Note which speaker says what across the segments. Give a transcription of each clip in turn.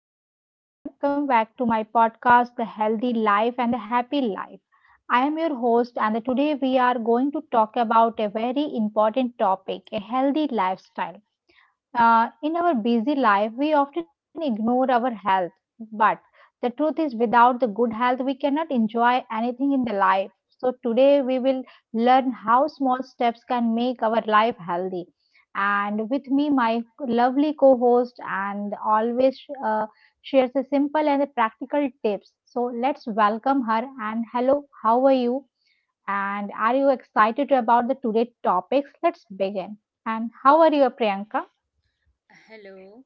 Speaker 1: everyone, and welcome back to my podcast, The Healthy Life and the Happy Life. I am your host, and today we are going to talk about a very important topic a healthy lifestyle. In our busy life, we often ignore our health, but the truth is, without the good health, we cannot enjoy anything in the life. So, today we will learn how small steps can make our life healthy. And with me, my lovely co host, and always uh, shares a simple and a practical tips. So, let's welcome her. And hello, how are you? And are you excited about the today topics? Let's begin. And how are you, Priyanka?
Speaker 2: Hello,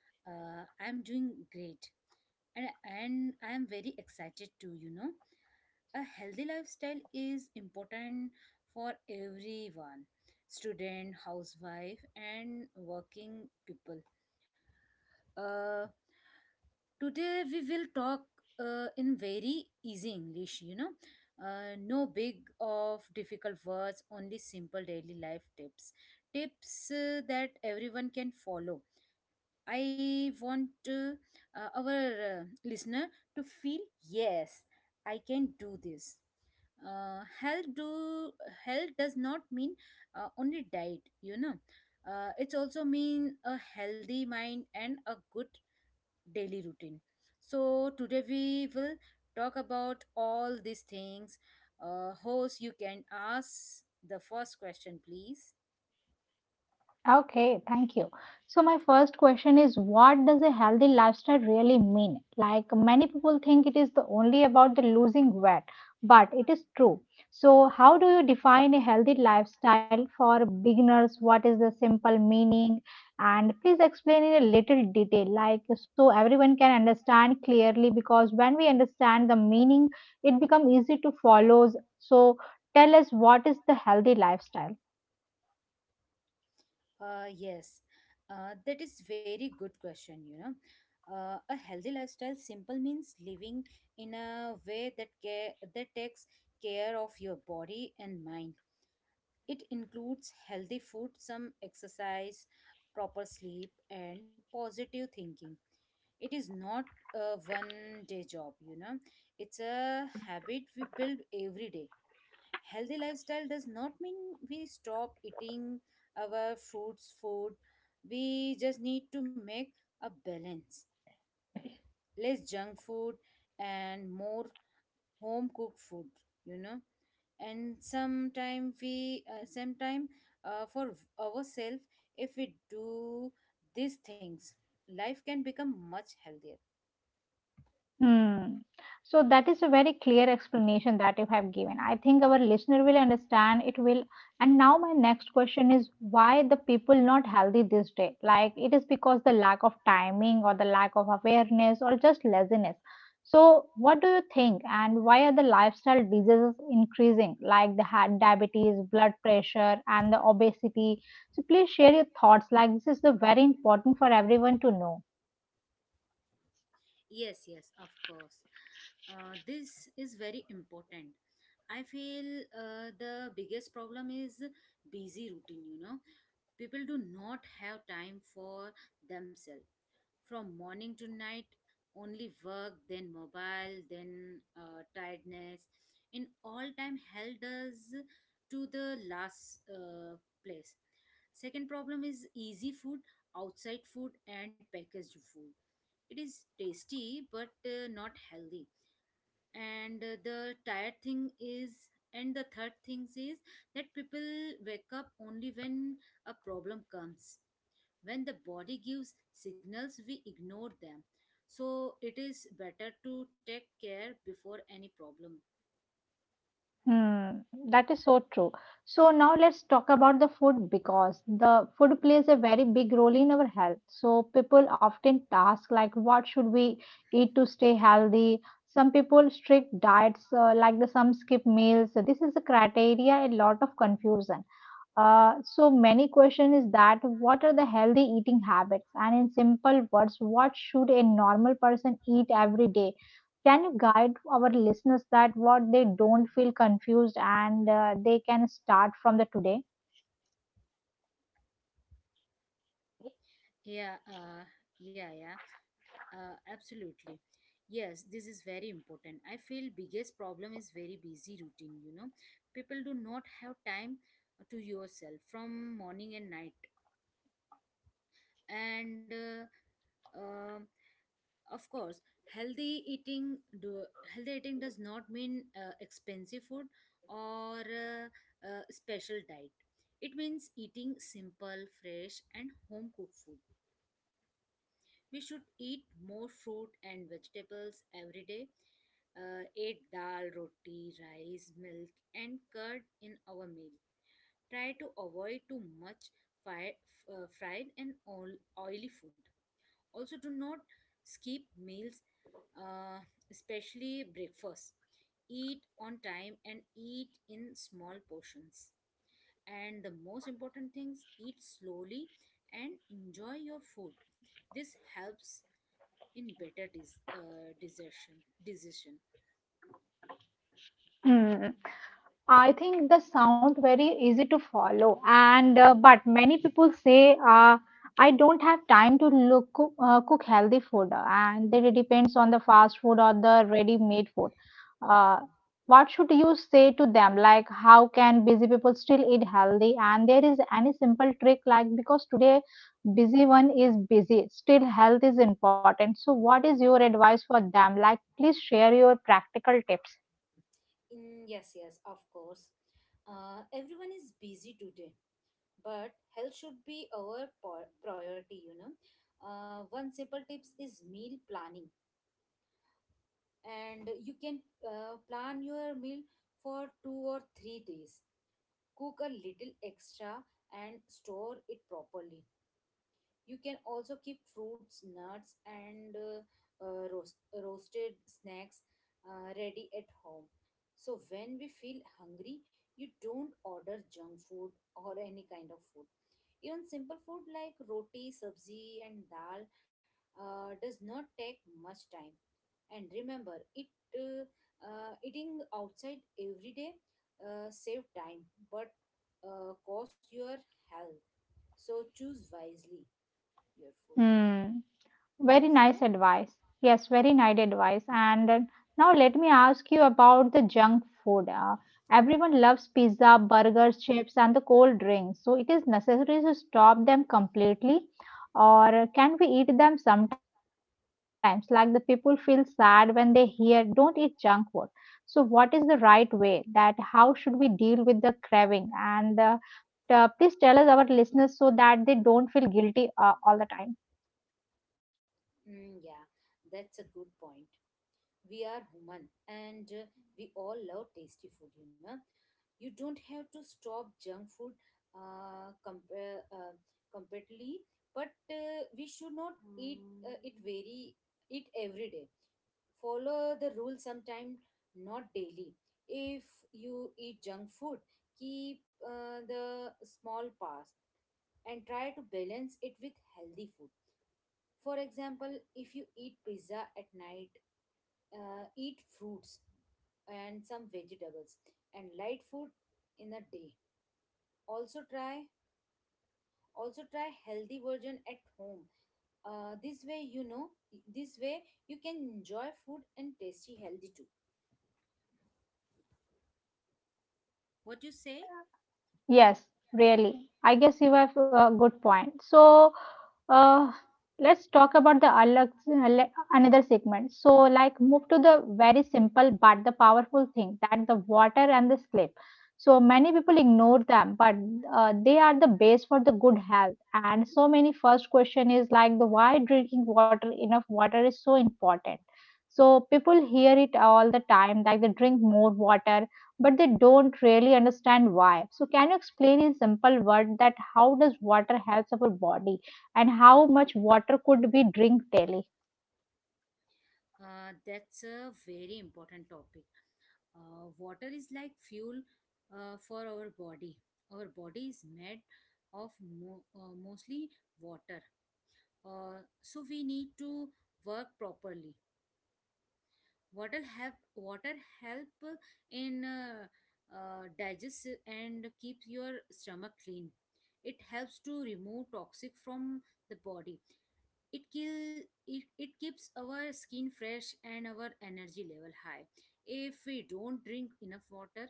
Speaker 2: I'm doing great, and I'm very excited too. You know, a healthy lifestyle is important for everyone, student, housewife, and working people. Uh, Today we will talk in very easy english, you know, no big of difficult words, only simple daily life tips, tips that everyone can follow. I want our listener to feel yes, I can do this. Health do health does not mean only diet. You know, it's also mean a healthy mind and a good daily routine. So today we will talk about all these things. Host, you can ask the first question, please.
Speaker 1: Okay, thank you. So my first question is what does a healthy lifestyle really mean? Like many people think it is the only about the losing weight, but it is true. So how do you define a healthy lifestyle for beginners? What is the simple meaning? And please explain in a little detail, like so everyone can understand clearly because when we understand the meaning, it becomes easy to follow. So tell us what is the healthy lifestyle?
Speaker 2: Yes, that is very good question. You know, a healthy lifestyle simple means living in a way that takes care of your body and mind. It includes healthy food, some exercise, proper sleep, and positive thinking. It is not a 1 day job. You know, it's a habit we build every day. Healthy lifestyle does not mean we stop eating our fruits food. We just need to make a balance, less junk food and more home cooked food, you know. And sometime for ourselves, if we do these things, life can become much healthier.
Speaker 1: Hmm. So that is a very clear explanation that you have given. I think our listener will understand it will. And now my next question is why the people not healthy this day? Like it is because the lack of timing or the lack of awareness or just laziness. So what do you think and why are the lifestyle diseases increasing like the heart diabetes, blood pressure and the obesity? So please share your thoughts like this is the very important for everyone to know.
Speaker 2: Yes, yes, of course. This is very important. I feel the biggest problem is busy routine, you know. People do not have time for themselves. From morning to night only work, then mobile, then tiredness in all time held us to the last place. Second problem is easy food, outside food and packaged food. It is tasty but not healthy. And the third thing is that people wake up only when a problem comes. When the body gives signals we ignore them, so it is better to take care before any problem.
Speaker 1: Hmm, that is so true. So now let's talk about the food because the food plays a very big role in our health. So people often ask like what should we eat to stay healthy? Some people strict diets like the some skip meals. This is a criteria a lot of confusion. So many question is that what are the healthy eating habits and in simple words what should a normal person eat every day can you guide our listeners that what they don't feel confused and they can start from the
Speaker 2: Yeah uh, yeah yeah absolutely. Yes, this is very important. I feel biggest problem is very busy routine, you know. People do not have time to yourself from morning and night. And of course, healthy eating do healthy eating does not mean expensive food or special diet. It means eating simple, fresh, and home cooked food. We should eat more fruit and vegetables every day. Eat dal, roti, rice, milk, and curd in our meal. Try to avoid too much fried and oily food. Also, do not skip meals, uh, especially breakfast. Eat on time and eat in small portions. And the most important things, eat slowly and enjoy your food. This helps in better decision. Decision.
Speaker 1: today. I think the sound very easy to follow, and but many people say I don't have time to look cook, cook healthy food, and that it depends on the fast food or the ready-made food. Uh, what should you say to them? Like, how can busy people still eat healthy? And there is any simple trick, like because today busy one is busy, still health is important. So, what is your advice for them? Like, please share your practical tips.
Speaker 2: Yes, yes, of course. Everyone is busy today, but health should be our priority, you know. One simple tips is meal planning. And you can plan your meal for 2 or 3 days. Cook a little extra and store it properly. You can also keep fruits, nuts, and roasted snacks ready at home. So when we feel hungry, you don't order junk food or any kind of food. Even simple food like roti, sabzi, and dal does not take much time. And remember it, uh, eating outside every day save time but cost your health, so choose wisely your food.
Speaker 1: Hmm.
Speaker 2: What
Speaker 1: Very
Speaker 2: you say?
Speaker 1: nice advice. Yes, very nice advice. And now let me ask you about the junk food. Everyone loves pizza, burgers, chips, and the cold drinks. So it is necessary to stop them completely, or can we eat them sometimes? Like the people feel sad when they hear don't eat junk food. So what is the right way? That how should we deal with the craving? And please tell us our listeners so that they don't feel guilty all the time.
Speaker 2: Yeah, that's a good point. We are human and we all love tasty food, you know. You don't have to stop junk food compare completely, but we should not eat it every day. Follow the rule sometime, not daily. If you eat junk food, keep the small parts and try to balance it with healthy food. For example, if you eat pizza at night, eat fruits and some vegetables and light food in a day. Also try also try healthy version at home. uh, this way you know this way you can enjoy food and tasty healthy too. What you say?
Speaker 1: Yes, really. I guess you have a good point. So, uh, let's talk about the another segment. So, like, move to the very simple but the powerful thing that the water and the sleep. So, many people ignore them, but they are the base for the good health. And so, many first question is like the why drinking water enough water is so important. So, people hear it all the time, like they drink more water but they don't really understand why. So, can you explain in simple words that how does water helps our body and how much water could we drink daily?
Speaker 2: That's a very important topic. Water is like fuel for our body. Our body is made of mostly water. So we need to work properly. Water help in digest and keeps your stomach clean. It helps to remove toxic from the body. it kill it keeps our skin fresh and our energy level high. If we don't drink enough water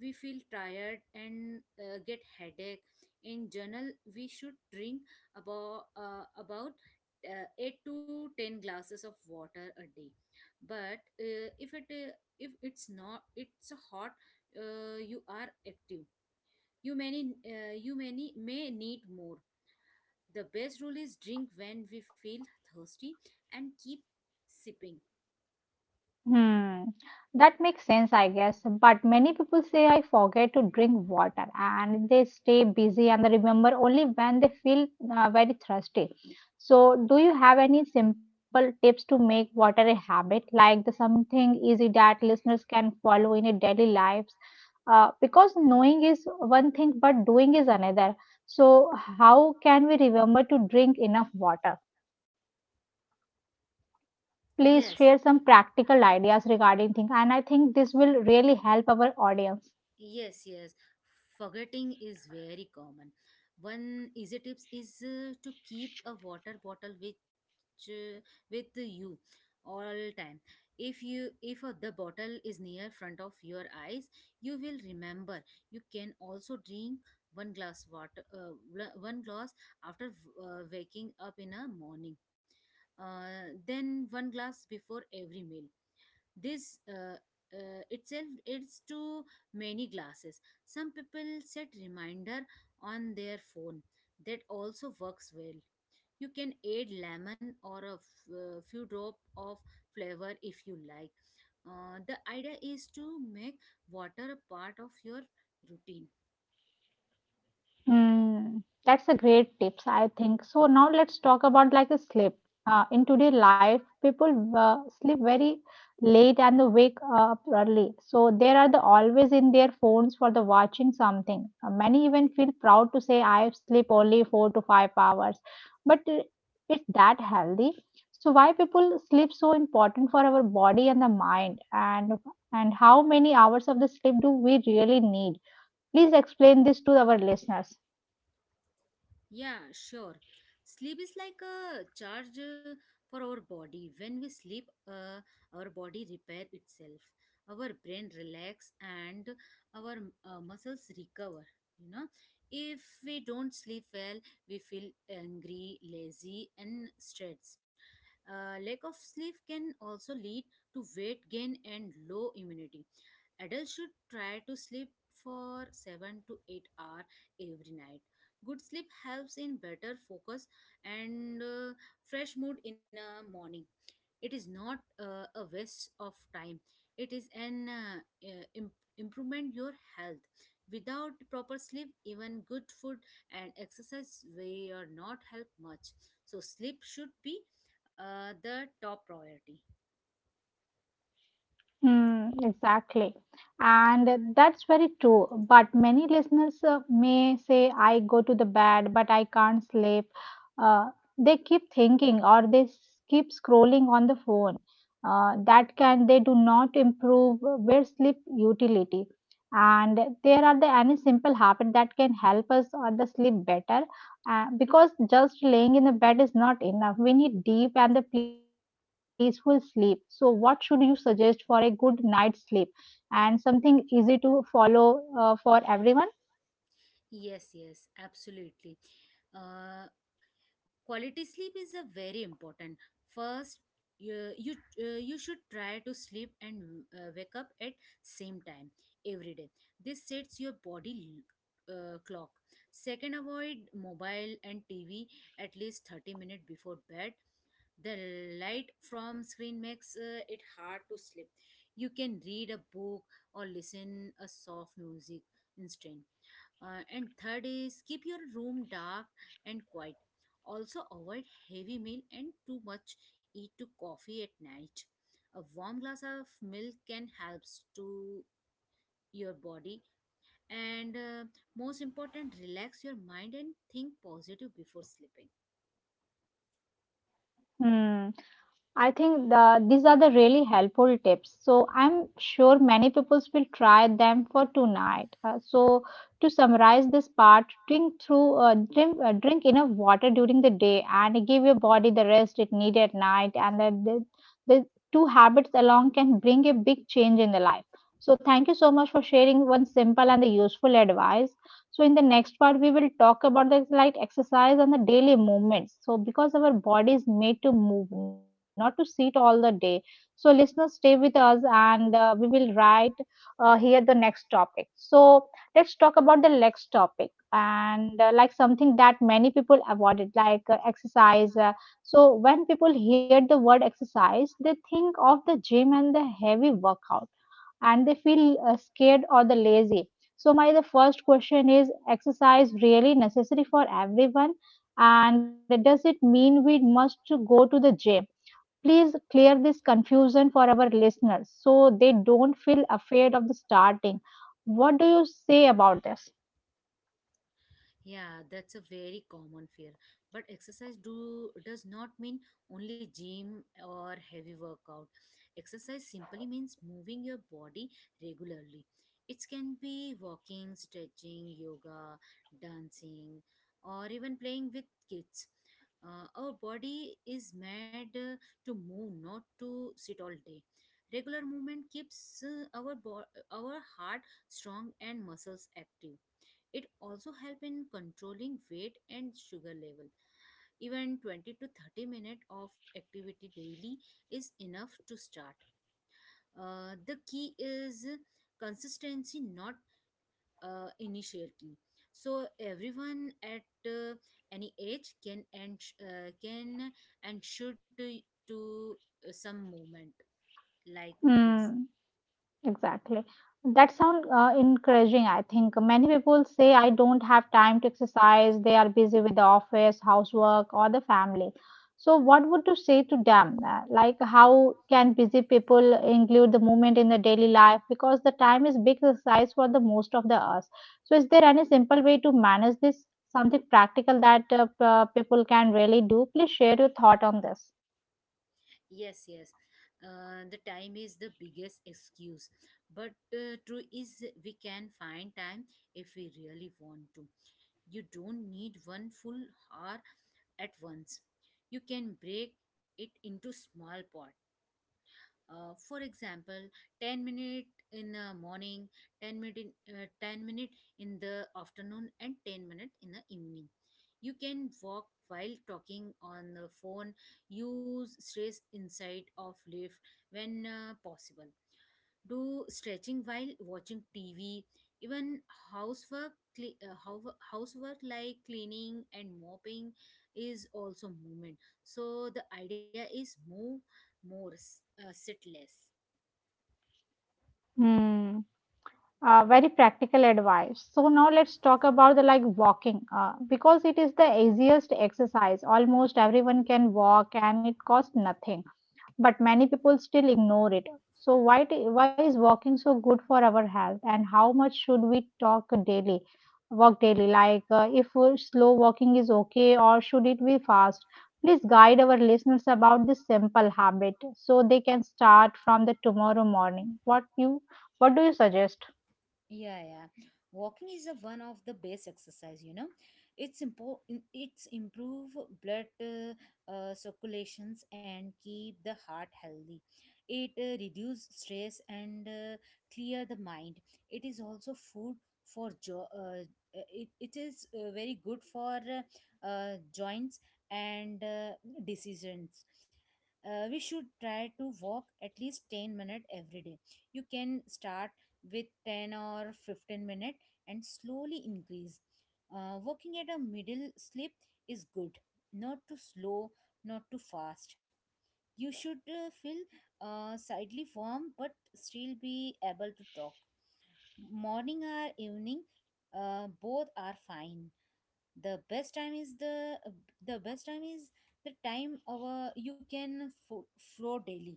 Speaker 2: we feel tired and get headache. In general we should drink about 8 to 10 glasses of water a day, but if it's not, it's a hot, you are active, you many may need more. The best rule is drink when we feel thirsty and keep sipping.
Speaker 1: Hmm, that makes sense, I guess. But many people say I forget to drink water and they stay busy and they remember only when they feel very thirsty. So, do you have any simple tips to make water a habit, like the something easy that listeners can follow in a daily life? Because knowing is one thing but doing is another, so how can we remember to drink enough water? Please
Speaker 2: Yes,
Speaker 1: share some practical ideas regarding things, and I think this will really help our audience.
Speaker 2: yes, yes. Forgetting is very common. One easy tips is to keep a water bottle uh, with you all time. If the bottle is near front of your eyes, you will remember. You can also drink one glass water uh, one glass after waking up in a morning, then one glass before every meal. This itself it's to many glasses. Some people set reminder on their phone. That also works well. You can add lemon or a few drop of flavor if you like. The idea is to make water a part of your routine.
Speaker 1: Hmm, that's a great tips, I think. So now let's talk about like a sleep. In today life, people sleep very late and they wake up early. So they are the always in their phones for the watching something. Many even feel proud to say I sleep only 4 to 5 hours, but it's that healthy. So why people sleep so important for our body and the mind, and how many hours of the sleep do we really need? Please explain this to our listeners.
Speaker 2: Yeah, sure. Sleep is like a charge for our body. When we sleep, our body repair itself. Our brain relax and our muscles recover. You know, if we don't sleep well, we feel angry, lazy, and stressed. Lack of sleep can also lead to weight gain and low immunity. Adults should try to sleep for 7 to 8 hours every night. Good sleep helps in better focus and fresh mood in a morning. It is not a waste of time. It is an uh, im- improvement your health. Without proper sleep, even good food and exercise will not help much. So sleep should be the top priority.
Speaker 1: Hmm, exactly. And that's very true. But many listeners may say, I go to the bed, but I can't sleep, uh, they keep thinking or they keep scrolling on the phone. That can they do not improve their sleep utility, and there are the any simple habit that can help us on the sleep better? Because just laying in the bed is not enough, we need deep and the peaceful sleep. So what should you suggest for a good night's sleep, and something easy to follow for everyone?
Speaker 2: Yes, yes, absolutely. Uh, Quality sleep is a very important. First you you, you should try to sleep and wake up at same time every day. This sets your body clock. Second, avoid mobile and TV at least 30 minutes before bed. The light from screen makes it hard to sleep. You can read a book or listen a soft music instead. And third is keep your room dark and quiet. Also, avoid heavy meal and too much eat to coffee at night. A warm glass of milk can helps to your body. And most important, relax your mind and think positive before sleeping.
Speaker 1: Hmm. I think the, these are the really helpful tips. So I'm sure many people will try them for tonight. So to summarize this part, drink enough water during the day and give your body the rest it needs at night. And then the two habits along can bring a big change in the life. So thank you so much for sharing one simple and the useful advice. So in the next part, we will talk about the light exercise and the daily movements. So because our body is made to move, not to sit all the day. So listeners, stay with us, and we will write here the next topic. So let's talk about the next topic and like something that many people avoided, like exercise. So when people hear the word exercise, they think of the gym and the heavy workout and they feel scared or the lazy. So my the first question is exercise really necessary for everyone, and does it mean we must go to the gym? Please clear this confusion for our listeners so they don't feel afraid of the starting. What do you say about this?
Speaker 2: Yeah, that's a very common fear. But exercise do does not mean only gym or heavy workout. Exercise simply means moving your body regularly. It can be walking, stretching, yoga, dancing, or even playing with kids. Our body is made to move, not to sit all day. Regular movement keeps our heart strong and muscles active. It also help in controlling weight and sugar level. Even 20 to 30 minutes of activity daily is enough to start. The key is consistency, not initiality. So everyone at uh, any age can and can and should to some movement like this.
Speaker 1: Hmm. Exactly. That sounds encouraging, I think. Many people say, I don't have time to exercise. They are busy with the office, housework, or the family. So, what would you say to them? Like, how can busy people include the movement in the daily life? Because the time is big exercise for the most of the us. So, is there any simple way to manage this? Something practical that people can really do? Please share your thought on this.
Speaker 2: Yes, yes. The time is the biggest excuse. But true is we can find time if we really want to. You don't need one full hour at once. You can break it into small part. For example, 10 minute in the morning, 10 minute in the afternoon, and 10 minute in the evening. You can walk while talking on the phone. Use stairs inside of lift when possible. Do stretching while watching TV. Even Housework like cleaning and mopping is also movement. So the idea is move more, sit less.
Speaker 1: Hmm. Very practical advice. So now let's talk about the like walking because it is the easiest exercise. Almost everyone can walk and it costs nothing, but many people still ignore it. So why is walking so good for our health and how much should we talk daily? Walk daily like if slow walking is okay or should it be fast? Please guide our listeners about this simple habit so they can start from the tomorrow morning. What you what do you suggest?
Speaker 2: Yeah, yeah. Walking is a one of the best exercise, you know. It's impo- it's improve blood circulations and keep the heart healthy. It reduce stress and clear the mind. It is also food for jo- it, it is very good for joints and decisions. We should try to walk at least 10 minutes every day. You can start with 10 or 15 minute and slowly increase. Working at a middle slip is good, not too slow, not too fast. You should feel slightly warm but still be able to talk. Morning or evening, both are fine. The best time is the the best time is the time our you can flow daily.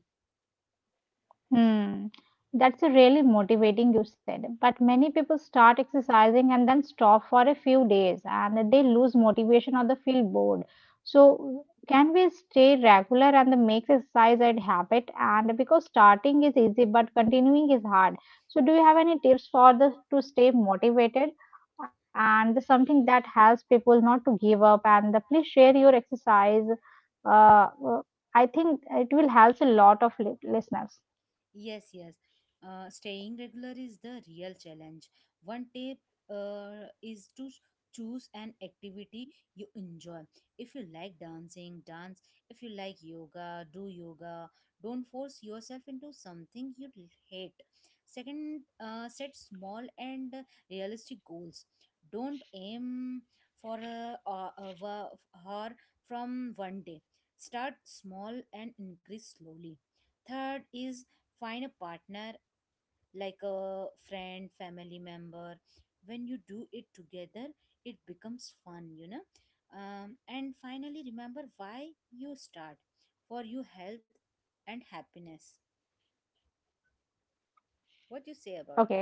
Speaker 1: Hmm, that's a really motivating you said. But many people start exercising and then stop for a few days and they lose motivation or they feel bored. So can we stay regular and make exercise a habit? And because starting is easy but continuing is hard. So do you have any tips for the to stay motivated, and something that helps people not to give up? And the, please share your exercise. Uh, uh, I think it will help a lot of listeners.
Speaker 2: Yes, yes. Staying regular is the real challenge. One tip is to choose an activity you enjoy. If you like dancing, dance. If you like yoga, do yoga. Don't force yourself into something you hate. Second, set small and realistic goals. Don't aim for hour from 1 day. Start small and increase slowly. Third is find a partner, like a friend, family member. When you do it together, it becomes fun. And finally, remember why you start, for your health and happiness. What do you say about
Speaker 1: Okay.
Speaker 2: that?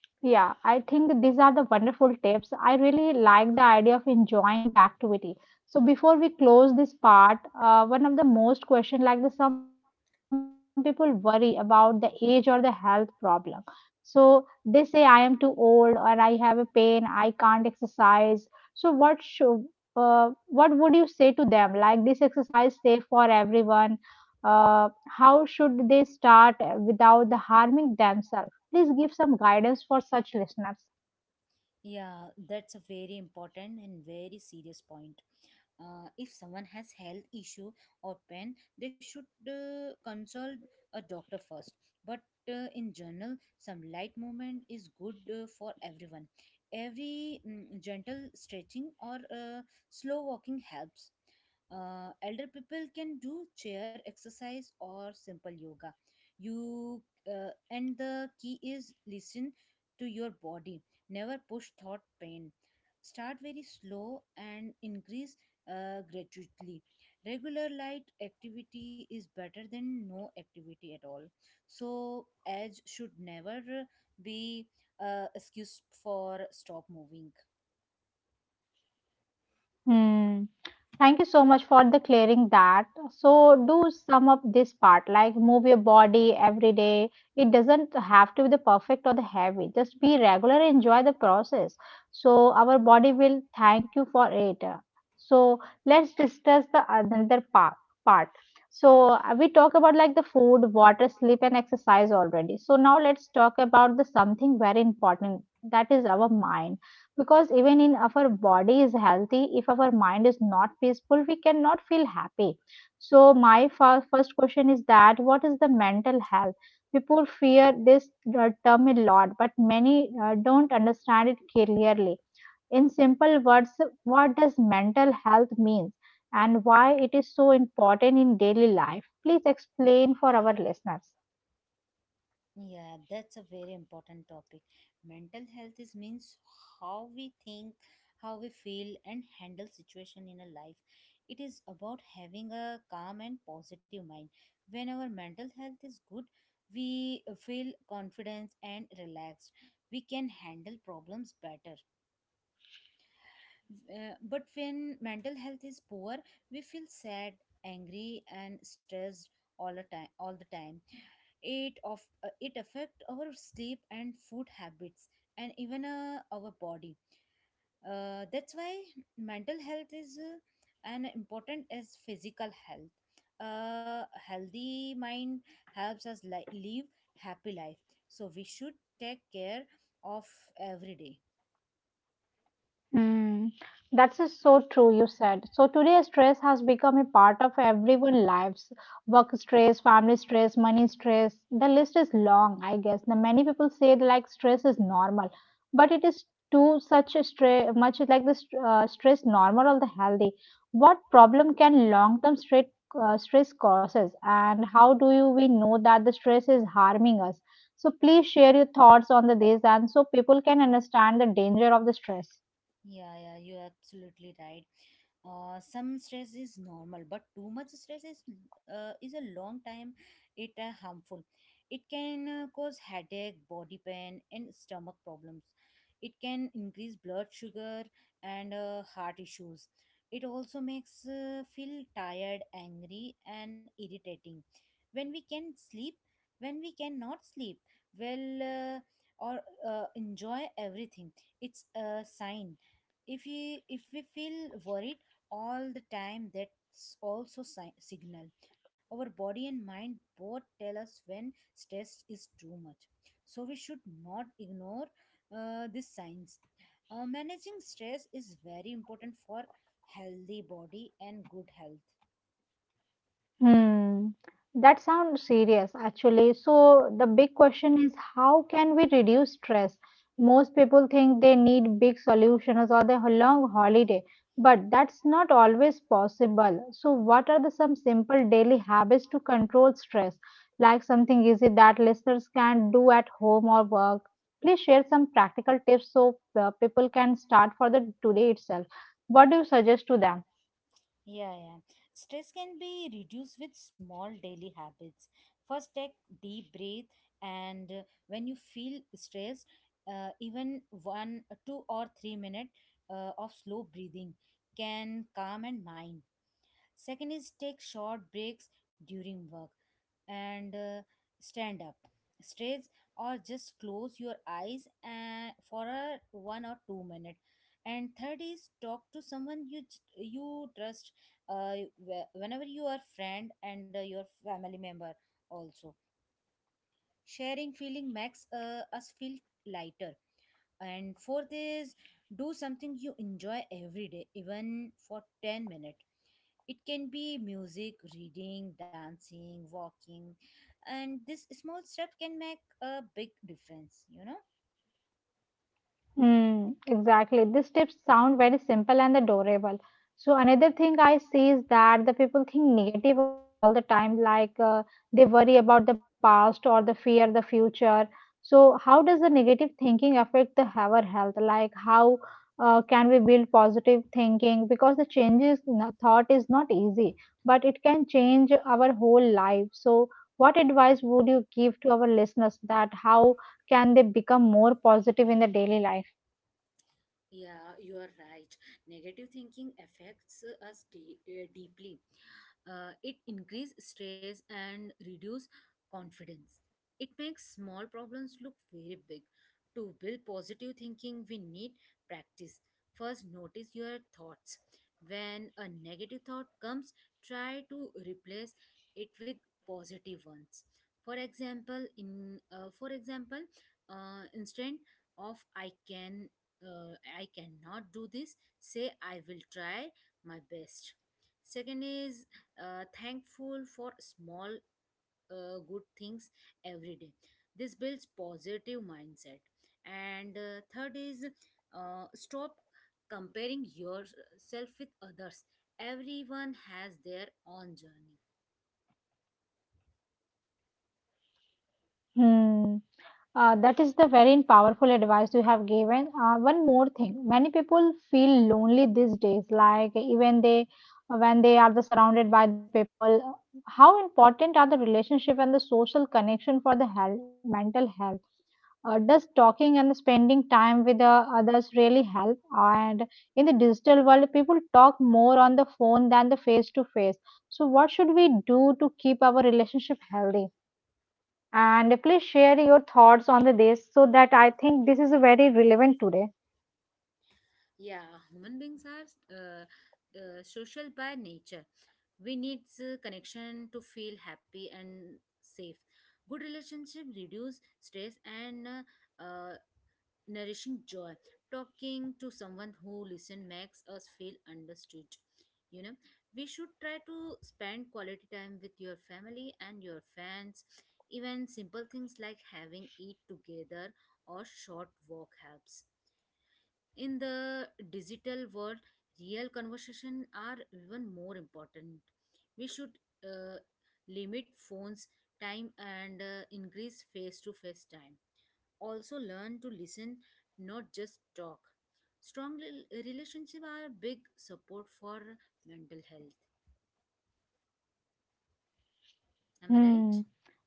Speaker 1: Yeah, I think these are the wonderful tips. I really like the idea of enjoying the activity. So before we close this part, one of the most question like the some people worry about the age or the health problem. So they say I am too old or I have a pain, I can't exercise. So what should what would you say to them? Like this exercise safe for everyone. How should they start without the harming themselves? Please give some guidance for such listeners.
Speaker 2: Yeah, that's a very important and very serious point. If someone has health issue or pain, they should consult a doctor first. But in general, some light movement is good for everyone. Every gentle stretching or slow walking helps. Elder people can do chair exercise or simple yoga. You and the key is listen to your body. Never push thought pain. Start very slow and increase gradually. Regular light activity is better than no activity at all. So, edge should never be excuse for stop moving.
Speaker 1: Hmm. Thank you so much for the clearing that. So do sum up this part like move your body every day. It doesn't have to be the perfect or the heavy. Just be regular and enjoy the process. So our body will thank you for it. So let's discuss the another part. So we talk about like the food, water, sleep and exercise already. So now let's talk about the something very important, that is our mind, because even in our body is healthy, if our mind is not peaceful we cannot feel happy. So my first question is that, what is the mental health? People fear this term a lot, but many don't understand it clearly. In simple words, what does mental health mean, and why it is so important in daily life? Please explain for our listeners.
Speaker 2: Yeah, that's a very important topic. Mental health is means how we think, how we feel and handle situation in a life. It is about having a calm and positive mind. When our mental health is good, we feel confident and relaxed. We can handle problems better. But when mental health is poor, we feel sad, angry, and stressed all the time. All the time, it of it affect our sleep and food habits, and even our body. That's why mental health is an important as physical health. A healthy mind helps us live happy life. So we should take care of every day.
Speaker 1: Mm, that's just so true, you said. So today, stress has become a part of everyone's lives. Work stress, family stress, money stress. The list is long, I guess. The many people say that, like stress is normal, but it is too such a stress much like the stress normal or the healthy. What problem can long-term stress causes, and how do you we know that the stress is harming us? So please share your thoughts on the this, and so people can understand the danger of the stress.
Speaker 2: Yeah, yeah, you're absolutely right. Some stress is normal, but too much stress is a long time it harmful. It can cause headache, body pain, and stomach problems. It can increase blood sugar and heart issues. It also makes feel tired, angry, and irritating. When we can sleep, when we cannot sleep, well, uh, or enjoy everything. It's a sign. If we feel worried all the time, that's also signal. Our body and mind both tell us when stress is too much, so we should not ignore these signs. Managing stress is very important for healthy body and good health.
Speaker 1: Hmm, that sounds serious actually. So, the big question is, how can we reduce stress? Most people think they need big solutions or the long holiday, but that's not always possible. So, what are the some simple daily habits to control stress? Like something easy that listeners can do at home or work. Please share some practical tips so people can start for the today itself. What do you suggest to them?
Speaker 2: Yeah, yeah. Stress can be reduced with small daily habits. First, take deep breath, and when you feel stressed, even one, 2 or 3 minutes of slow breathing can calm and mind. Second is take short breaks during work and stand up stretch, or just close your eyes and for a 1 or 2 minute. And third is talk to someone you trust, uh, whenever you are friend and your family member also. Sharing feeling makes us feel lighter. And fourth is do something you enjoy every day, even for 10 minutes. It can be music, reading, dancing, walking and This small step can make a big difference.
Speaker 1: Hmm, exactly. These tips sound very simple and adorable. So another thing I see is that the people think negative all the time, like they worry about the past or the fear the future. So how does the negative thinking affect the our health? Like how can we build positive thinking? Because the changes in thought is not easy, but it can change our whole life. So what advice would you give to our listeners, that how can they become more positive in their daily life?
Speaker 2: Yeah, you are right. Negative thinking affects us deeply. It increases stress and reduce confidence. It makes small problems look very big. To build positive thinking, we need practice. First, notice your thoughts. When a negative thought comes, try to replace it with positive ones. For example, instead of I cannot do this, say I will try my best. Second is thankful for small good things every day. This builds positive mindset. And third is stop comparing yourself with others. Everyone has their own journey.
Speaker 1: Hmm. That is the very powerful advice you have given. One more thing, many people feel lonely these days, like even they when they are the surrounded by the people. How important are the relationship and the social connection for the health, mental health? Does talking and spending time with the others really help? And in the digital world, people talk more on the phone than the face to face. So, what should we do to keep our relationship healthy? And please share your thoughts on the this, so that I think this is very relevant today.
Speaker 2: Yeah, human beings are social by nature. We need connection to feel happy and safe. Good relationship reduce stress and uh, nourishing joy. Talking to someone who listen makes us feel understood. You know, we should try to spend quality time with your family and your friends. Even simple things like having eat together or short walk helps in the digital world. Real conversation are even more important. We should uh, limit phones time and increase face to face time. Also learn to listen, not just talk. Strong relationship are big support for mental health. Am I
Speaker 1: Hmm.
Speaker 2: right?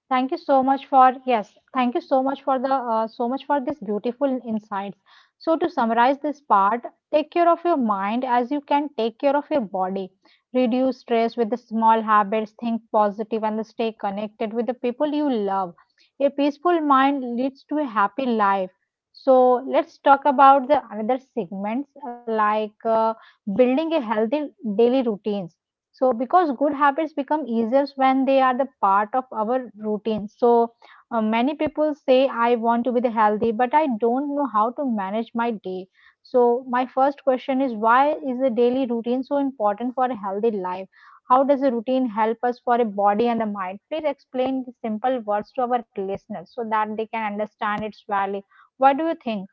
Speaker 1: Thank you so much for this beautiful insights. So to summarize this part, take care of your mind as you can take care of your body. Reduce stress with the small habits, think positive and stay connected with the people you love. A peaceful mind leads to a happy life. So let's talk about the another segments like building a healthy daily routines, so because good habits become easier when they are the part of our routine. So, many people say, I want to be the healthy, but I don't know how to manage my day. So, my first question is, why is the daily routine so important for a healthy life? How does a routine help us for a body and the mind? Please explain the simple words to our listeners so that they can understand its value. What do you think?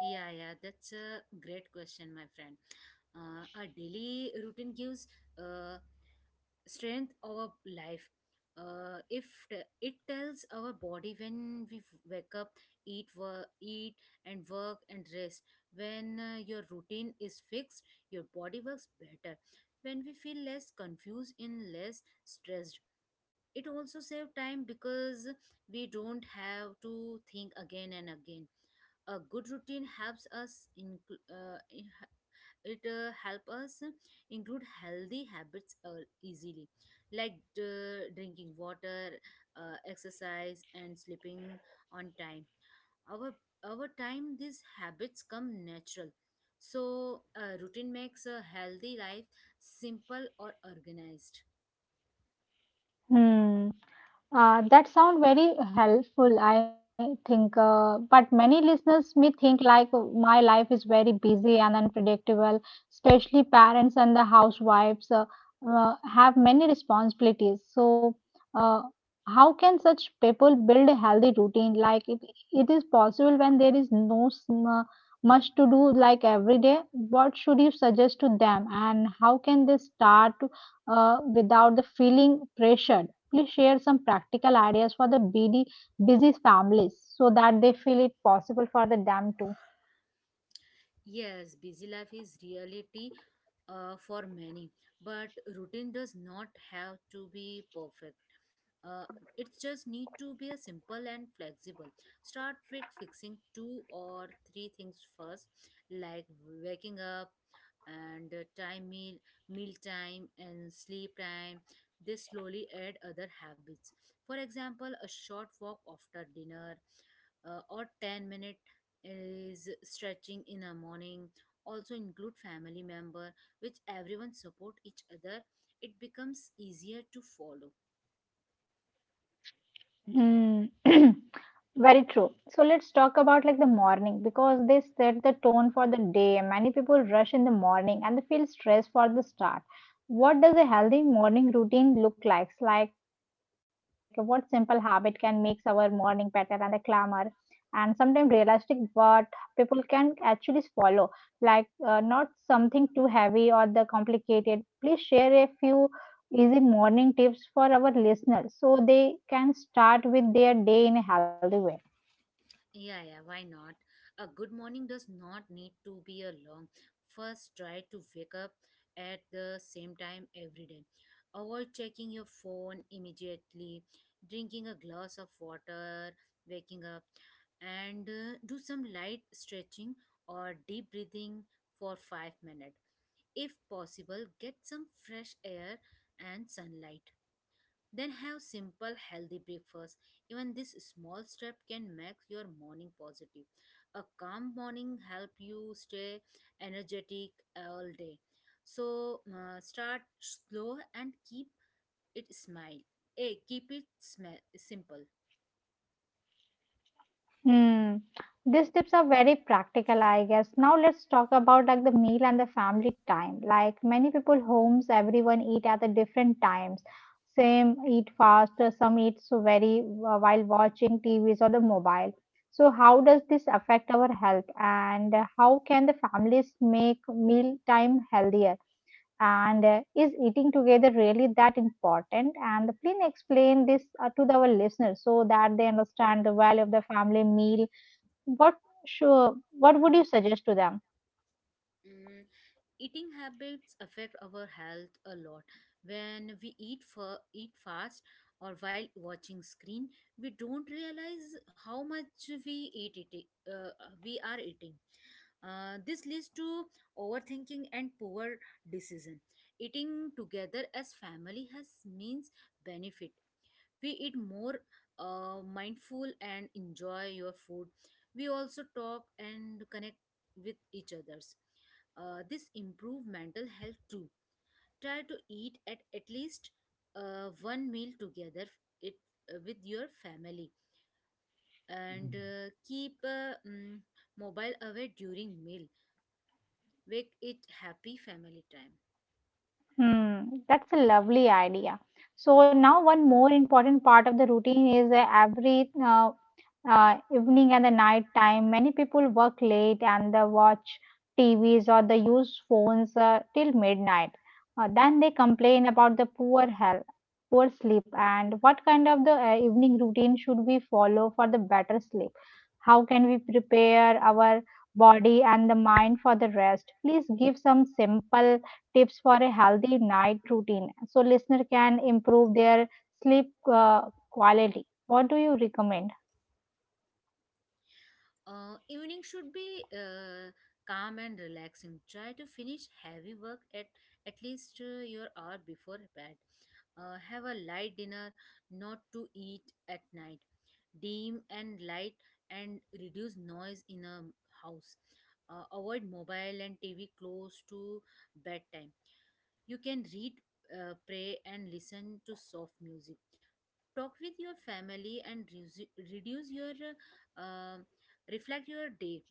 Speaker 2: Yeah, yeah, that's a great question, my friend. Our daily routine gives uh, strength our life. If t- It tells our body when we wake up, eat, work, eat and work and rest. When your routine is fixed, your body works better. When we feel less confused and less stressed, it also save time because we don't have to think again and again. A good routine helps us inclu- it help us include healthy habits easily, like drinking water, exercise and sleeping on time. our our time these habits come natural. So routine makes a healthy life simple or organized.
Speaker 1: Hmm. That sound very helpful, I think. But many listeners may think like my life is very busy and unpredictable, especially parents and the housewives have many responsibilities. So, uh, how can such people build a healthy routine? Like it is possible when there is no much to do like every day. What should you suggest to them, and how can they start, without the feeling pressured? Please share some practical ideas for the BD busy families so that they feel it possible for the them too.
Speaker 2: Yes, busy life is reality for many, but routine does not have to be perfect. Uh, it just need to be a simple and flexible. Start with fixing two or three things first, like waking up and meal time and sleep time. This slowly add other habits. For example, a short walk after dinner, or 10 minute is stretching in the morning. Also include family member, which everyone support each other, it becomes easier to follow.
Speaker 1: Hmm. Very true. So let's talk about like the morning, because they set the tone for the day. Many people rush in the morning and they feel stressed for the start. What does a healthy morning routine look like? Like what simple habit can make our morning better, and the glamour and sometimes realistic, but people can actually follow. Like not something too heavy or the complicated. Please share a few easy morning tips for our listeners so they can start with their day in a healthy way.
Speaker 2: Yeah, yeah, why not? A good morning does not need to be a long. First, try to wake up at the same time every day. Avoid checking your phone immediately. Drinking a glass of water, waking up, and do some light stretching or deep breathing for 5 minutes. If possible, get some fresh air and sunlight. Then have simple healthy breakfast. Even this small step can make your morning positive. A calm morning help you stay energetic all day. So start slow and keep it smile. Eh, keep it simple.
Speaker 1: Hmm. These tips are very practical, I guess. Now let's talk about like the meal and the family time. Like many people homes, everyone eat at the different times. Same eat fast, some eat so very while watching TVs or the mobile. So how does this affect our health, and how can the families make meal time healthier? And is eating together really that important? And please explain this to our listeners so that they understand the value of the family meal. What sure what would you suggest to them?
Speaker 2: Mm, eating habits affect our health a lot. When we eat fast or while watching screen, we don't realize how much uh, we are eating. This leads to overthinking and poor decision. Eating together as family has means benefit. We eat more mindful and enjoy your food. We also talk and connect with each others. This improve mental health too. Try to eat at least one meal together, it with your family, and mobile away during meal. Make it happy family time.
Speaker 1: Hmm, that's a lovely idea. So now one more important part of the routine is every evening and the night time. Many people work late and they watch TVs' or they use phones till midnight. Then they complain about the poor health, poor sleep, and what kind of the evening routine should we follow for the better sleep? How can we prepare our body and the mind for the rest? Please give some simple tips for a healthy night routine so listener can improve their sleep quality. What do you recommend?
Speaker 2: Evening should be calm and relaxing. Try to finish heavy work at least your hour before bed. Have a light dinner, not to eat at night. Dim and light and reduce noise in a house. Avoid mobile and TV close to bedtime. You can read, pray, and listen to soft music. Talk with your family and reduce your uh, um, reflect your day.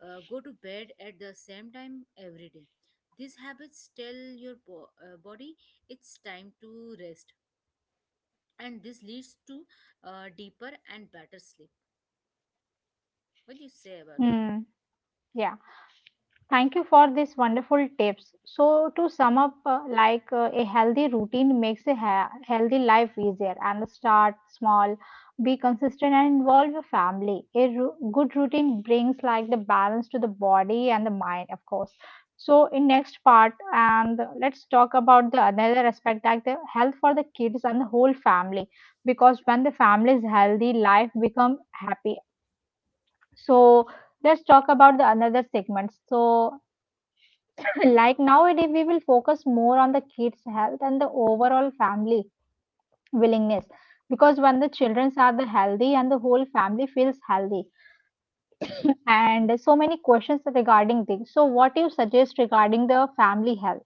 Speaker 2: Go to bed at the same time every day. These habits tell your body it's time to rest, and this leads to deeper and better sleep. What do you say about it?
Speaker 1: Hmm. Yeah. Thank you for this wonderful tips. So to sum up, a healthy routine makes a healthy life easier, and start small, be consistent and involve your family. A good routine brings like the balance to the body and the mind, of course. So in next part, and let's talk about the another aspect like the health for the kids and the whole family, because when the family is healthy, life become happy. So let's talk about the another segment. So like nowadays we will focus more on the kids health and the overall family willingness, because when the children are the healthy and the whole family feels healthy, and so many questions regarding this. So what you suggest regarding the family health?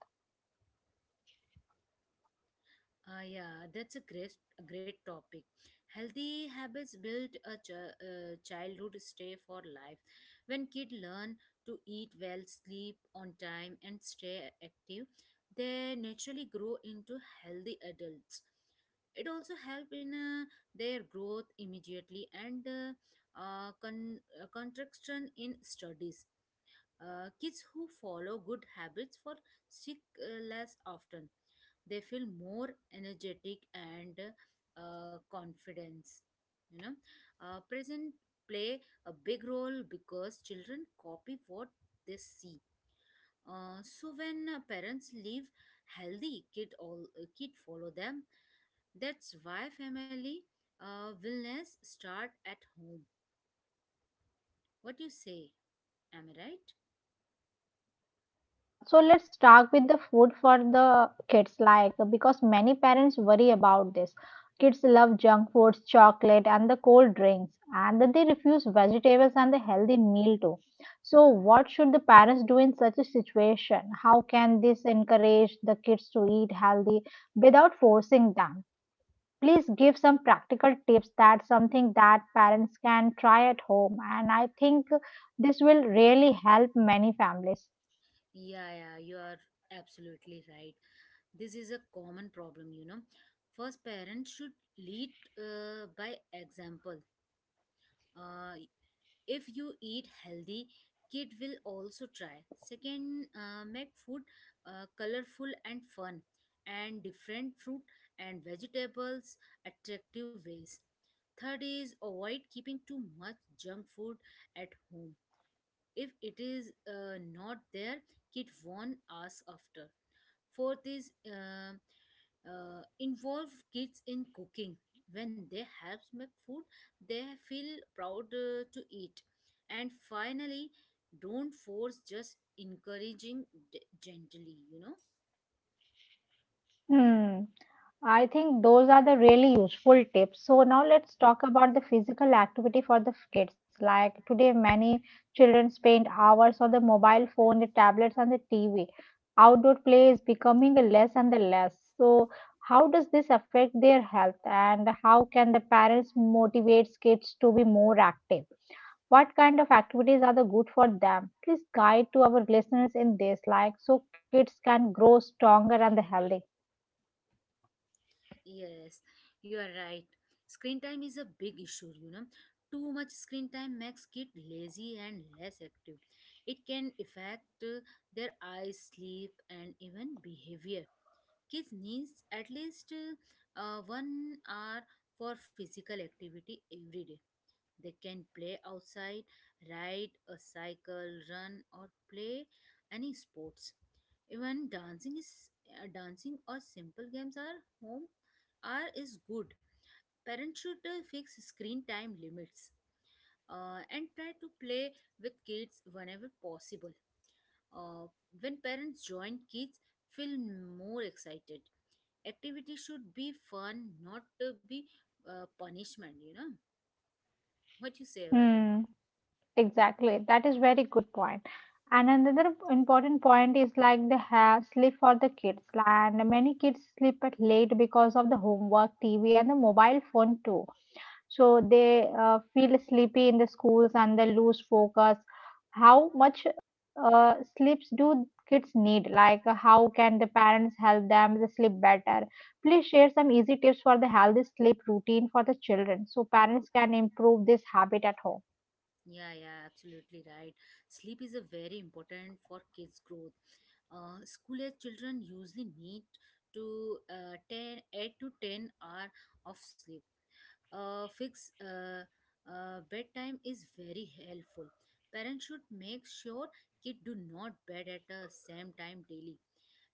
Speaker 2: Ah, yeah, that's a great topic. Healthy habits build a childhood stay for life. When kids learn to eat well, sleep on time, and stay active, they naturally grow into healthy adults. It also help in their growth immediately and contraction in studies. Kids who follow good habits for sick less often. They feel more energetic and confidence. You know, present play a big role because children copy what they see. So when parents leave healthy kid, all kid follow them. That's why family wellness start at home. What do you say? Am I right?
Speaker 1: Yes, very true. So let's start with the food for the kids, like because many parents worry about this. Kids love junk foods, chocolate, and the cold drinks, and that they refuse vegetables and the healthy meal too. So, what should the parents do in such a situation? How can this encourage the kids to eat healthy without forcing them? Please give some practical tips. That's something that parents can try at home, and I think this will really help many families.
Speaker 2: Yeah, yeah, you are absolutely right. This is a common problem. First, parents should lead by example. uh, if you eat healthy, kid will also try. Second, make food colorful and fun, and different fruit and vegetables attractive ways. Third is avoid keeping too much junk food at home. If it is not there, kid won't ask after. Fourth is involve kids in cooking. When they help make food, they feel proud to eat. And finally, don't force, just encouraging gently, you know.
Speaker 1: Hmm. I think those are the really useful tips. So now let's talk about the physical activity for the kids. Like today, many children spend hours on the mobile phone, the tablets, and the TV. Outdoor play is becoming less and less. So how does this affect their health, and how can the parents motivate kids to be more active? What kind of activities are the good for them? Please guide to our listeners in this, like, so kids can grow stronger and healthy.
Speaker 2: Yes, you are right. Screen time is a big issue, you know. Too much screen time makes kids lazy and less active. It can affect their eye sleep and even behavior. Kids needs at least 1 hour for physical activity every day. They can play outside, ride a cycle, run, or play any sports. Even dancing is Dancing or simple games are home are is good. Parents should fix screen time limits and try to play with kids whenever possible. Uh, when parents join, kids feel more excited. Activity should be fun, not to be punishment. What you say about it?
Speaker 1: Hmm. Exactly. That is very good point. And another important point is like the ha sleep for the kids plan. Many kids sleep at late because of the homework, TV, and the mobile phone too. So they feel sleepy in the schools and they lose focus. How much sleeps do kids need? How can the parents help them to sleep better? Please share some easy tips for the healthy sleep routine for the children so parents can improve this habit at home.
Speaker 2: Yeah, yeah, absolutely right. Sleep is a very important for kids growth. School age children usually need to 10 8 to 10 hour of sleep. Fix bedtime is very helpful. Parents should make sure kid do not bed at the same time daily,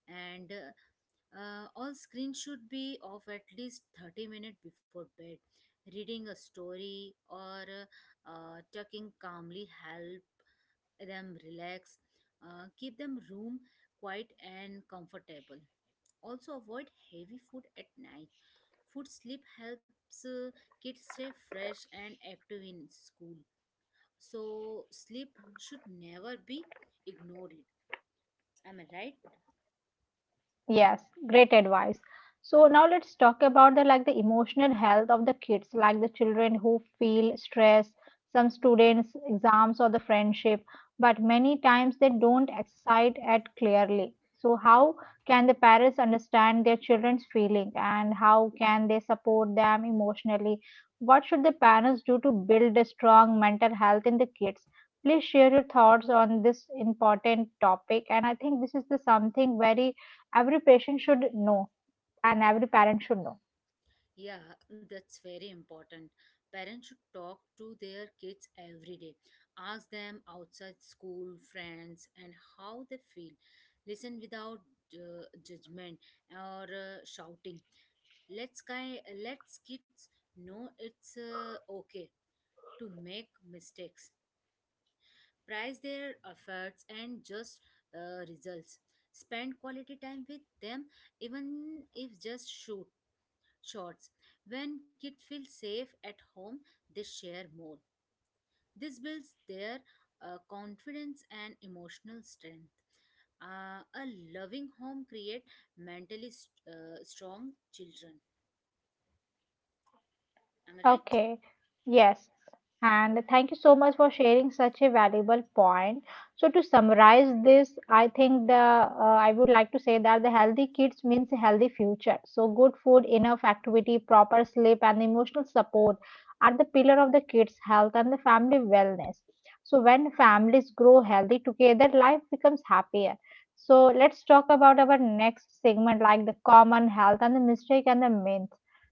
Speaker 2: and all screens should be off at least 30 minutes before bed. Reading a story or talking calmly help them relax. Keep them room quiet and comfortable. Also avoid heavy food at night. Food sleep helps kids stay fresh and active in school, so sleep should never be ignored. Am I right?
Speaker 1: Yes, great advice. So now let's talk about the like the emotional health of the kids, like the children who feel stress, some students, exams or the friendship, but many times they don't exercise it clearly. So how can the parents understand their children's feeling and how can they support them emotionally? What should the parents do to build a strong mental health in the kids? Please share your thoughts on this important topic. And I think this is the something very every patient should know and every parent should know.
Speaker 2: Yeah, that's very important. Parents should talk to their kids every day, ask them outside school friends and how they feel. Listen without judgment or shouting. Let's kids know it's okay to make mistakes. Price their efforts and just results. Spend quality time with them, even if just shoot shots. When kids feel safe at home, they share more. This builds their confidence and emotional strength. A loving home create mentally strong children. Am I right?
Speaker 1: Okay, yes. And thank you so much for sharing such a valuable point. So to summarize this, I think the I would like to say that the healthy kids means a healthy future. So good food, enough activity, proper sleep, and emotional support are the pillar of the kids' health and the family wellness. So, when families grow healthy together, life becomes happier. So, let's talk about our next segment like the common health and the mistake and the myth.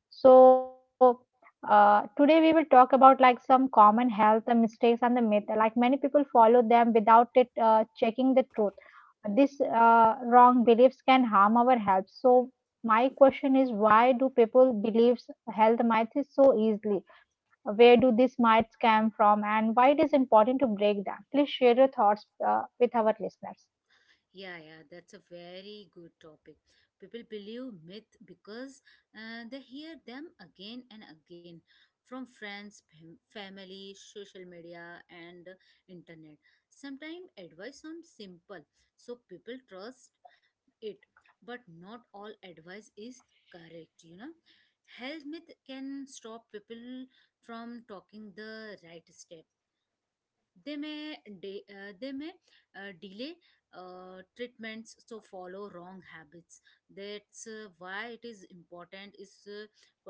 Speaker 1: So, Today we will talk about like some common health and mistakes and the myth. Like many people follow them without it checking the truth. These wrong beliefs can harm our health. So, my question is why do people believe health myth is so easily? Where do these myths come from and why it is important to break them? Please share your thoughts with our listeners.
Speaker 2: Yeah, yeah, that's a very good topic. People believe myth because they hear them again and again from friends, family, social media, and internet. Sometimes advice sounds simple, so people trust it, but not all advice is correct. Health myth can stop people from talking the right step. They may de- uh, they may delay treatments to follow wrong habits. That's why it is important is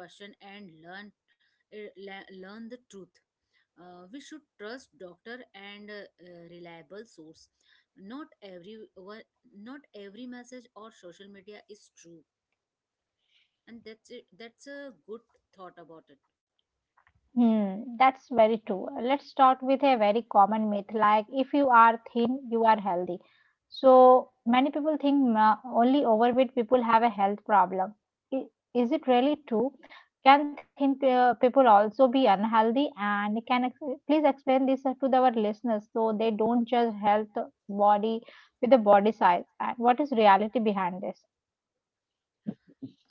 Speaker 2: question and learn learn the truth. We should trust doctor and reliable source. not every one- Not every message or social media is true. And that's it. That's a good thought about it.
Speaker 1: Hmm, that's very true. Let's start with a very common myth like if you are thin, you are healthy. So many people think only overweight people have a health problem. I- Is it really true? Can thin people also be unhealthy? And can please explain this to our listeners so they don't judge health body with the body size. And what is reality behind this?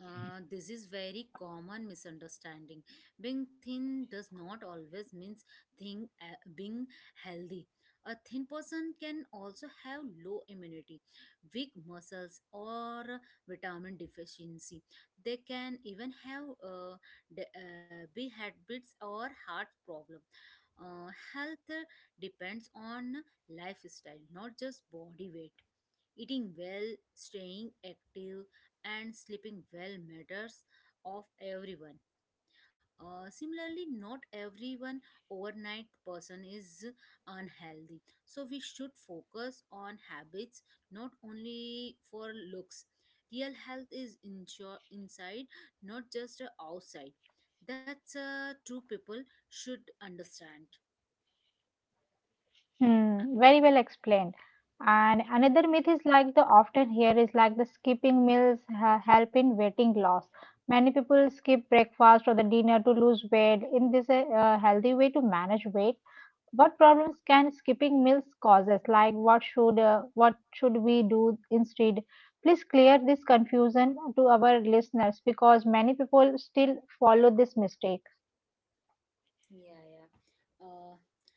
Speaker 2: This is very common misunderstanding. Being thin does not always means thing being healthy. A thin person can also have low immunity, weak muscles, or vitamin deficiency. They can even have big habits or heart problem. Health depends on lifestyle, not just body weight. Eating well, staying active, and sleeping well matters of everyone. Similarly, not everyone overnight person is unhealthy. So we should focus on habits, not only for looks. Real health is inside, not just outside. That's true people should understand.
Speaker 1: Hmm,
Speaker 2: Uh,
Speaker 1: very well explained. And another myth is like the often here is like the skipping meals help in weighting loss. Many people skip breakfast or the dinner to lose weight. In this a healthy way to manage weight, what problems can skipping meals causes? Like what should we do instead? Please clear this confusion to our listeners because many people still follow this mistake.
Speaker 2: Yeah, yeah. Uh,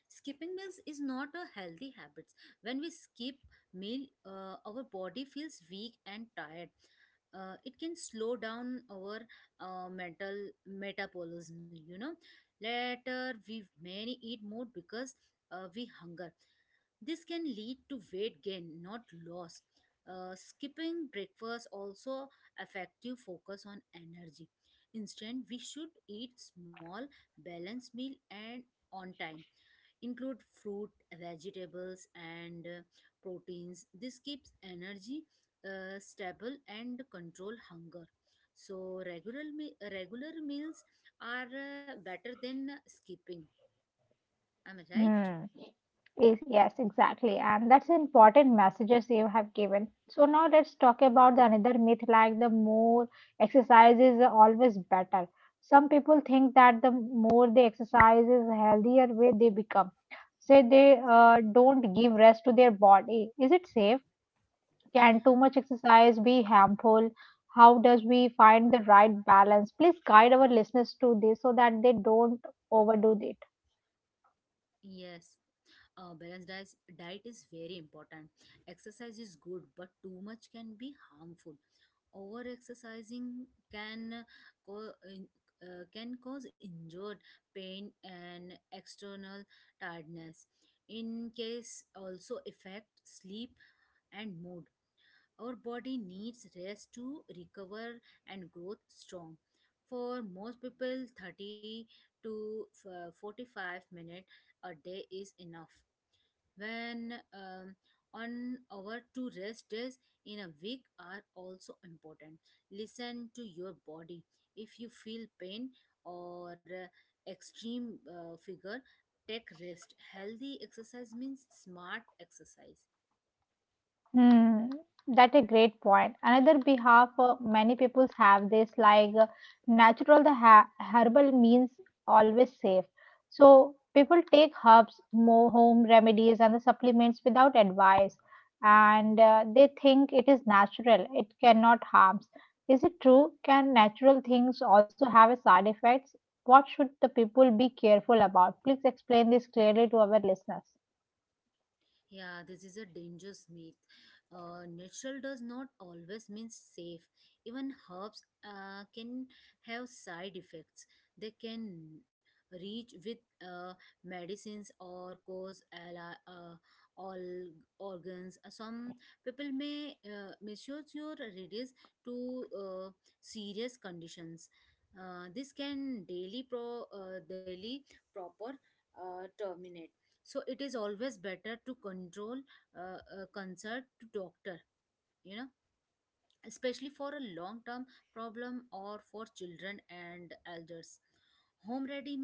Speaker 2: skipping meals is not a healthy habit. When we skip meal, our body feels weak and tired. It can slow down our mental metabolism. Later we may eat more because we hunger. This can lead to weight gain, not loss. Skipping breakfast also affect you focus on energy. Instead, we should eat small balanced meal and on time, include fruit vegetables and proteins. This keeps energy stable and control hunger. So regular meals are better than skipping. Am I right?
Speaker 1: Hmm. Yes, yes, exactly. And that's important messages you have given. So now let's talk about the another myth like the more exercise is always better. Some people think that the more they exercise is healthier way they become. Say they don't give rest to their body. Is it safe? Can too much exercise be harmful? How does we find the right balance? Please guide our listeners to this so that they don't overdo this.
Speaker 2: Yes, a balanced diet is very important. Exercise is good but too much can be harmful. Over exercising can co- in- can cause injured pain and external tiredness. In case also affect sleep and mood. Our body needs rest to recover and growth strong. For most people 30 to 45 minutes a day is enough. When um, on our two rest days in a week are also important. Listen to your body. If you feel pain or extreme figure, take rest. Healthy exercise means smart exercise.
Speaker 1: Hmm, that a great point. Another behalf many people have this like natural the ha herbal means always safe. So people take herbs, more home remedies and the supplements without advice and they think it is natural. It cannot harms. Is it true? Can natural things also have a side effects? What should the people be careful about? Please explain this clearly to our listeners.
Speaker 2: Yeah, this is a dangerous myth. Natural does not always mean safe. Even herbs can have side effects. They can reach with uh, medicines or cause all organs. Some people may misuse your remedies to serious conditions. This can daily proper terminate. So it is always better to control a concert to doctor you know Especially for a long term problem or for children and elders. Home ready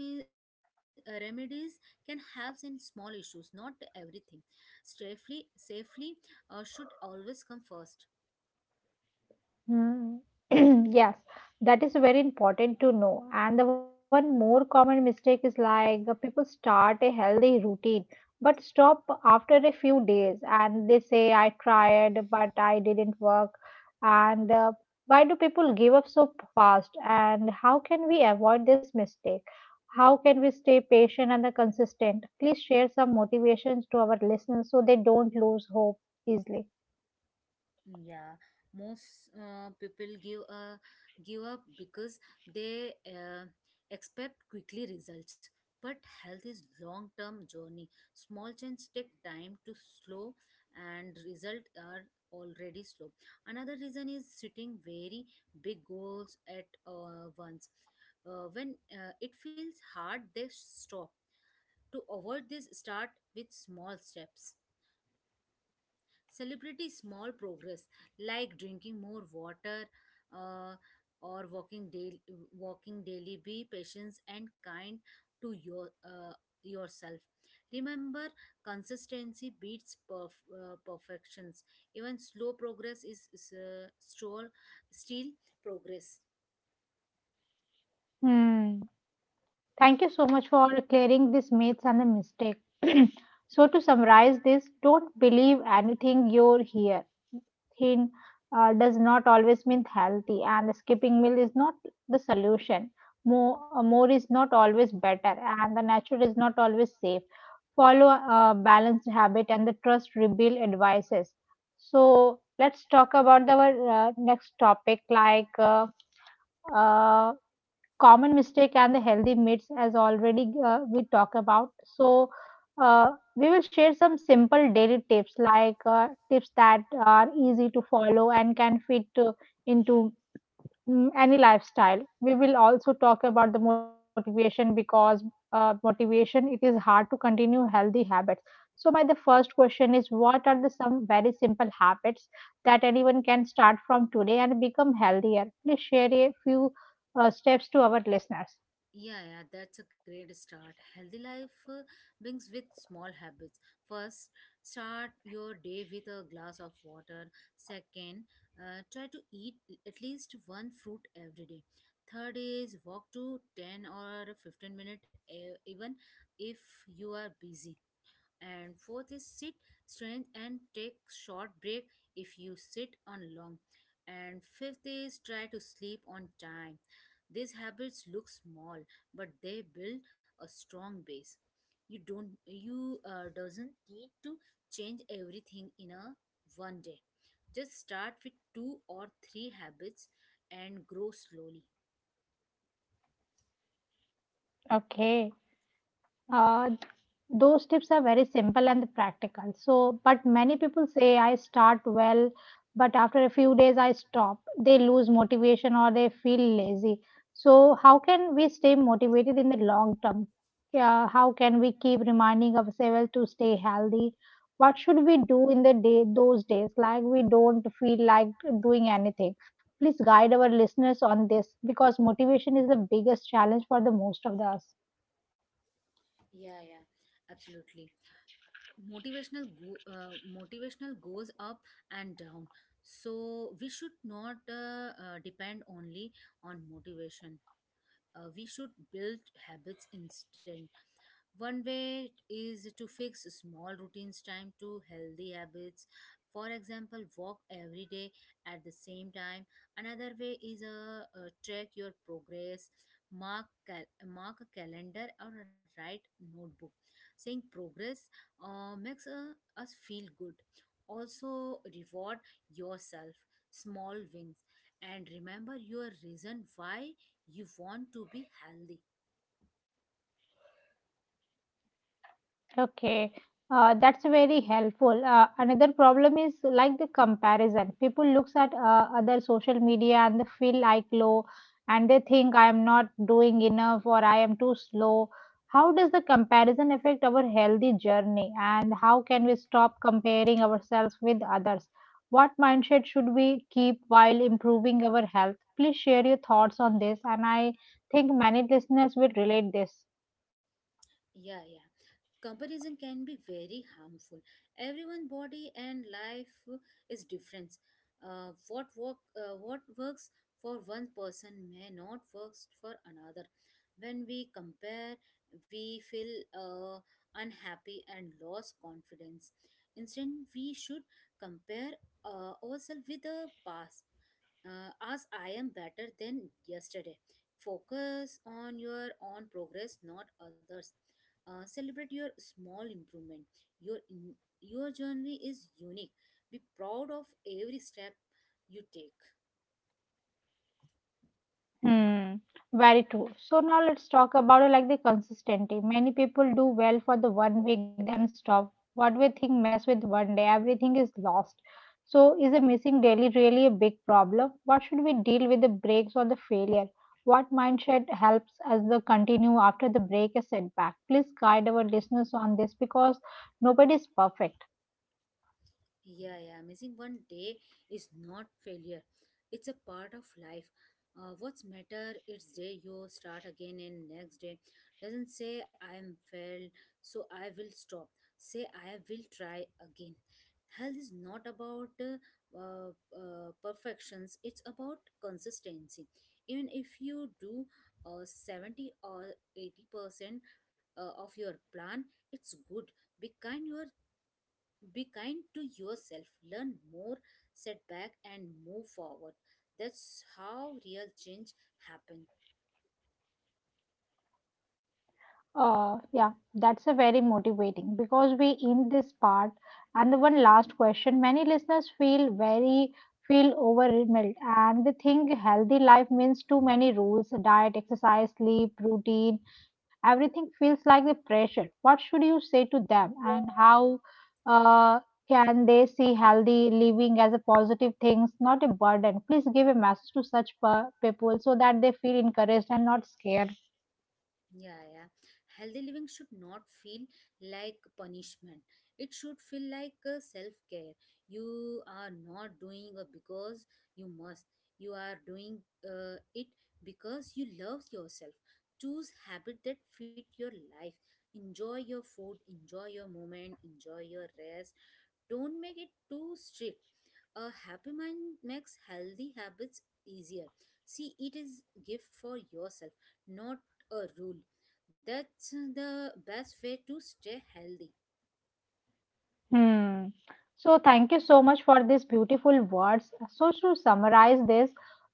Speaker 2: remedies can help in small issues, not everything. Safely should always come first.
Speaker 1: Hmm. Yes, that is very important to know. And the one more common mistake is like people start a healthy routine but stop after a few days and they say, I tried, but I didn't work. And Why do people give up so fast? And how can we avoid this mistake? How can we stay patient and the consistent? Please share some motivations to our listeners so they don't lose hope easily.
Speaker 2: Yeah, most people give up because they expect quickly results. But health is long term journey. Small changes take time to slow and results are already slow. Another reason is setting very big goals at once. When it feels hard they stop. To avoid this start with small steps. Celebrate small progress like drinking more water uh, or walking daily. Be patient and kind to yourself. Remember, consistency beats perfections. Even slow progress still progress.
Speaker 1: Hmm. Thank you so much for clearing these myths and the mistake. So to summarize this, don't believe anything you hear. Thin does not always mean healthy, and skipping meal is not the solution. More is not always better, and the natural is not always safe. Follow a balanced habit and the trust rebuild advices. So let's talk about our next topic, like uh, common mistake and the healthy myths as already we talk about. So we will share some simple daily tips like tips that are easy to follow and can fit into any lifestyle. We will also talk about the motivation because motivation it is hard to continue healthy habits. So my the first question is what are the some very simple habits that anyone can start from today and become healthier? Please share a few steps to our listeners.
Speaker 2: Yeah, yeah, that's a great start. Healthy life brings with small habits. First, start your day with a glass of water. Second, try to eat at least one fruit every day. Third is walk to 10 or 15 minutes, even if you are busy. And fourth is sit strength and take short break if you sit on long. And fifth is try to sleep on time. These habits look small but they build a strong base. You doesn't need to change everything in a one day. Just start with two or three habits and grow slowly.
Speaker 1: Okay. Uh, those tips are very simple and practical. So, but many people say I start well, but after a few days I stop. They lose motivation or they feel lazy. So, how can we stay motivated in the long term? Yeah, how can we keep reminding ourselves to stay healthy? What should we do in the day those days? Like we don't feel like doing anything. Please guide our listeners on this because motivation is the biggest challenge for the most of us.
Speaker 2: Yeah, yeah, absolutely. Motivational goes up and down. So we should not depend only on motivation. We should build habits instead. One way is to fix small routines time to healthy habits. For example, walk every day at the same time. Another way is track your progress, mark a calendar or write notebook. Saying progress makes us feel good. Also, reward yourself small wins and remember your reason why you want to be healthy.
Speaker 1: Okay, that's very helpful. Another problem is like the comparison. People looks at other social media and they feel like low, and they think I am not doing enough or I am too slow. How does the comparison affect our healthy journey, and how can we stop comparing ourselves with others? What mindset should we keep while improving our health? Please share your thoughts on this, and I think many listeners will relate this.
Speaker 2: Yeah, yeah. Comparison can be very harmful. Everyone' body and life is different. What works for one person may not work for another. When we compare, we feel unhappy and lost confidence. Instead, we should compare ourselves with the past, as I am better than yesterday. Focus on your own progress, not others. Celebrate your small improvement. Your in, your journey is unique. Be proud of every step you take.
Speaker 1: Hmm, very true. So now let's talk about like the consistency. Many people do well for the one week, then stop. What we think mess with one day, everything is lost. So is a missing daily really a big problem? What should we deal with the breaks or the failure? What mindset helps us the continue after the break a setback? Please guide our listeners on this because nobody is perfect.
Speaker 2: Yeah, yeah. Missing one day is not failure. It's a part of life. What's matter? It's day you start again and next day. Doesn't say I am failed, so I will stop. Say I will try again. Health is not about uh, perfections. It's about consistency. Even if you do 70 or 80% of your plan, it's good. Be kind your be kind to yourself, learn more, setback, and move forward. That's how real change happens.
Speaker 1: Yeah, that's a very motivating because we in this part and the one last question. Many listeners feel overwhelmed and they think healthy life means too many rules, diet, exercise, sleep, routine, everything feels like the pressure. What should you say to them and how uh, can they see healthy living as a positive things, not a burden? Please give a message to such people so that they feel encouraged and not scared.
Speaker 2: Yeah, yeah. Healthy living should not feel like punishment. It should feel like self care. You are not doing because you must. You are doing it because you love yourself. Choose habit that fit your life. Enjoy your food. Enjoy your moment. Enjoy your rest. Don't make it too strict. A happy mind makes healthy habits easier. See, it is gift for yourself, not a rule. That's the best way to stay healthy.
Speaker 1: Hmm. So thank you so much for these beautiful words. So to summarize this,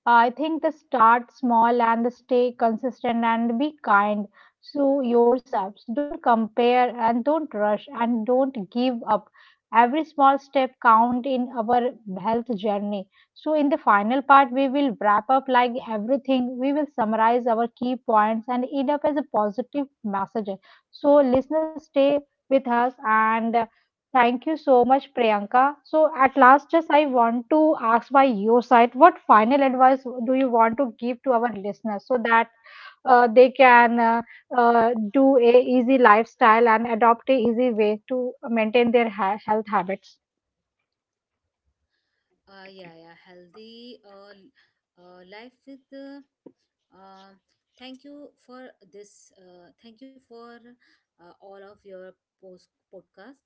Speaker 1: I think the start small and stay consistent and be kind to yourselves. Don't compare and don't rush and don't give up. Every small step count in our health journey. So in the final part, we will wrap up like everything. We will summarize our key points and end up as a positive message. So listeners, stay with us and thank you so much, Priyanka. So, at last, just I want to ask by your side, what final advice do you want to give to our listeners so that they can do a easy lifestyle and adopt a easy way to maintain their health habits?
Speaker 2: Ah, yeah, yeah, healthy life with Um, thank you for this. Thank you for all of your post podcast.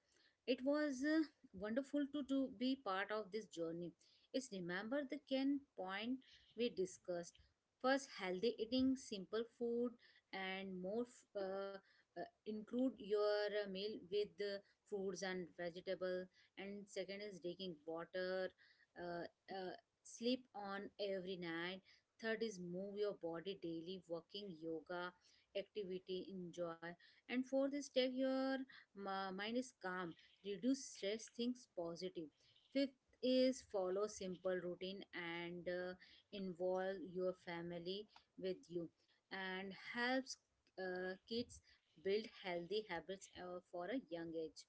Speaker 2: It was wonderful to be part of this journey. It's remember the can point we discussed. First, healthy eating, simple food, and include your meal with fruits and vegetable. And second is drinking water, uh, uh, sleep on every night. Third is move your body daily, walking, yoga, activity, enjoy. And fourth is take your mind is calm, reduce stress, things positive. Fifth is follow simple routine and involve your family with you and helps kids build healthy habits for a young age.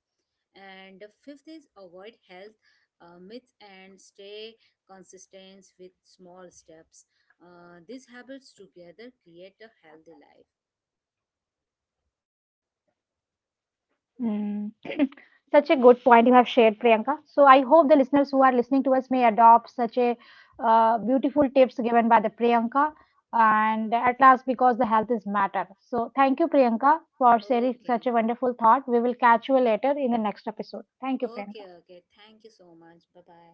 Speaker 2: And the fifth is avoid health myths and stay consistent with small steps. These habits together create a healthy life.
Speaker 1: Mm. Such a good point you have shared, Priyanka. So I hope the listeners who are listening to us may adopt such a beautiful tips given by the Priyanka. And at last, because the health is matter. So thank you, Priyanka, for sharing such a
Speaker 2: Okay,
Speaker 1: wonderful thought. We will catch you later in the next episode. Thank you,
Speaker 2: okay,
Speaker 1: Priyanka.
Speaker 2: okay. Thank you so much. Bye bye.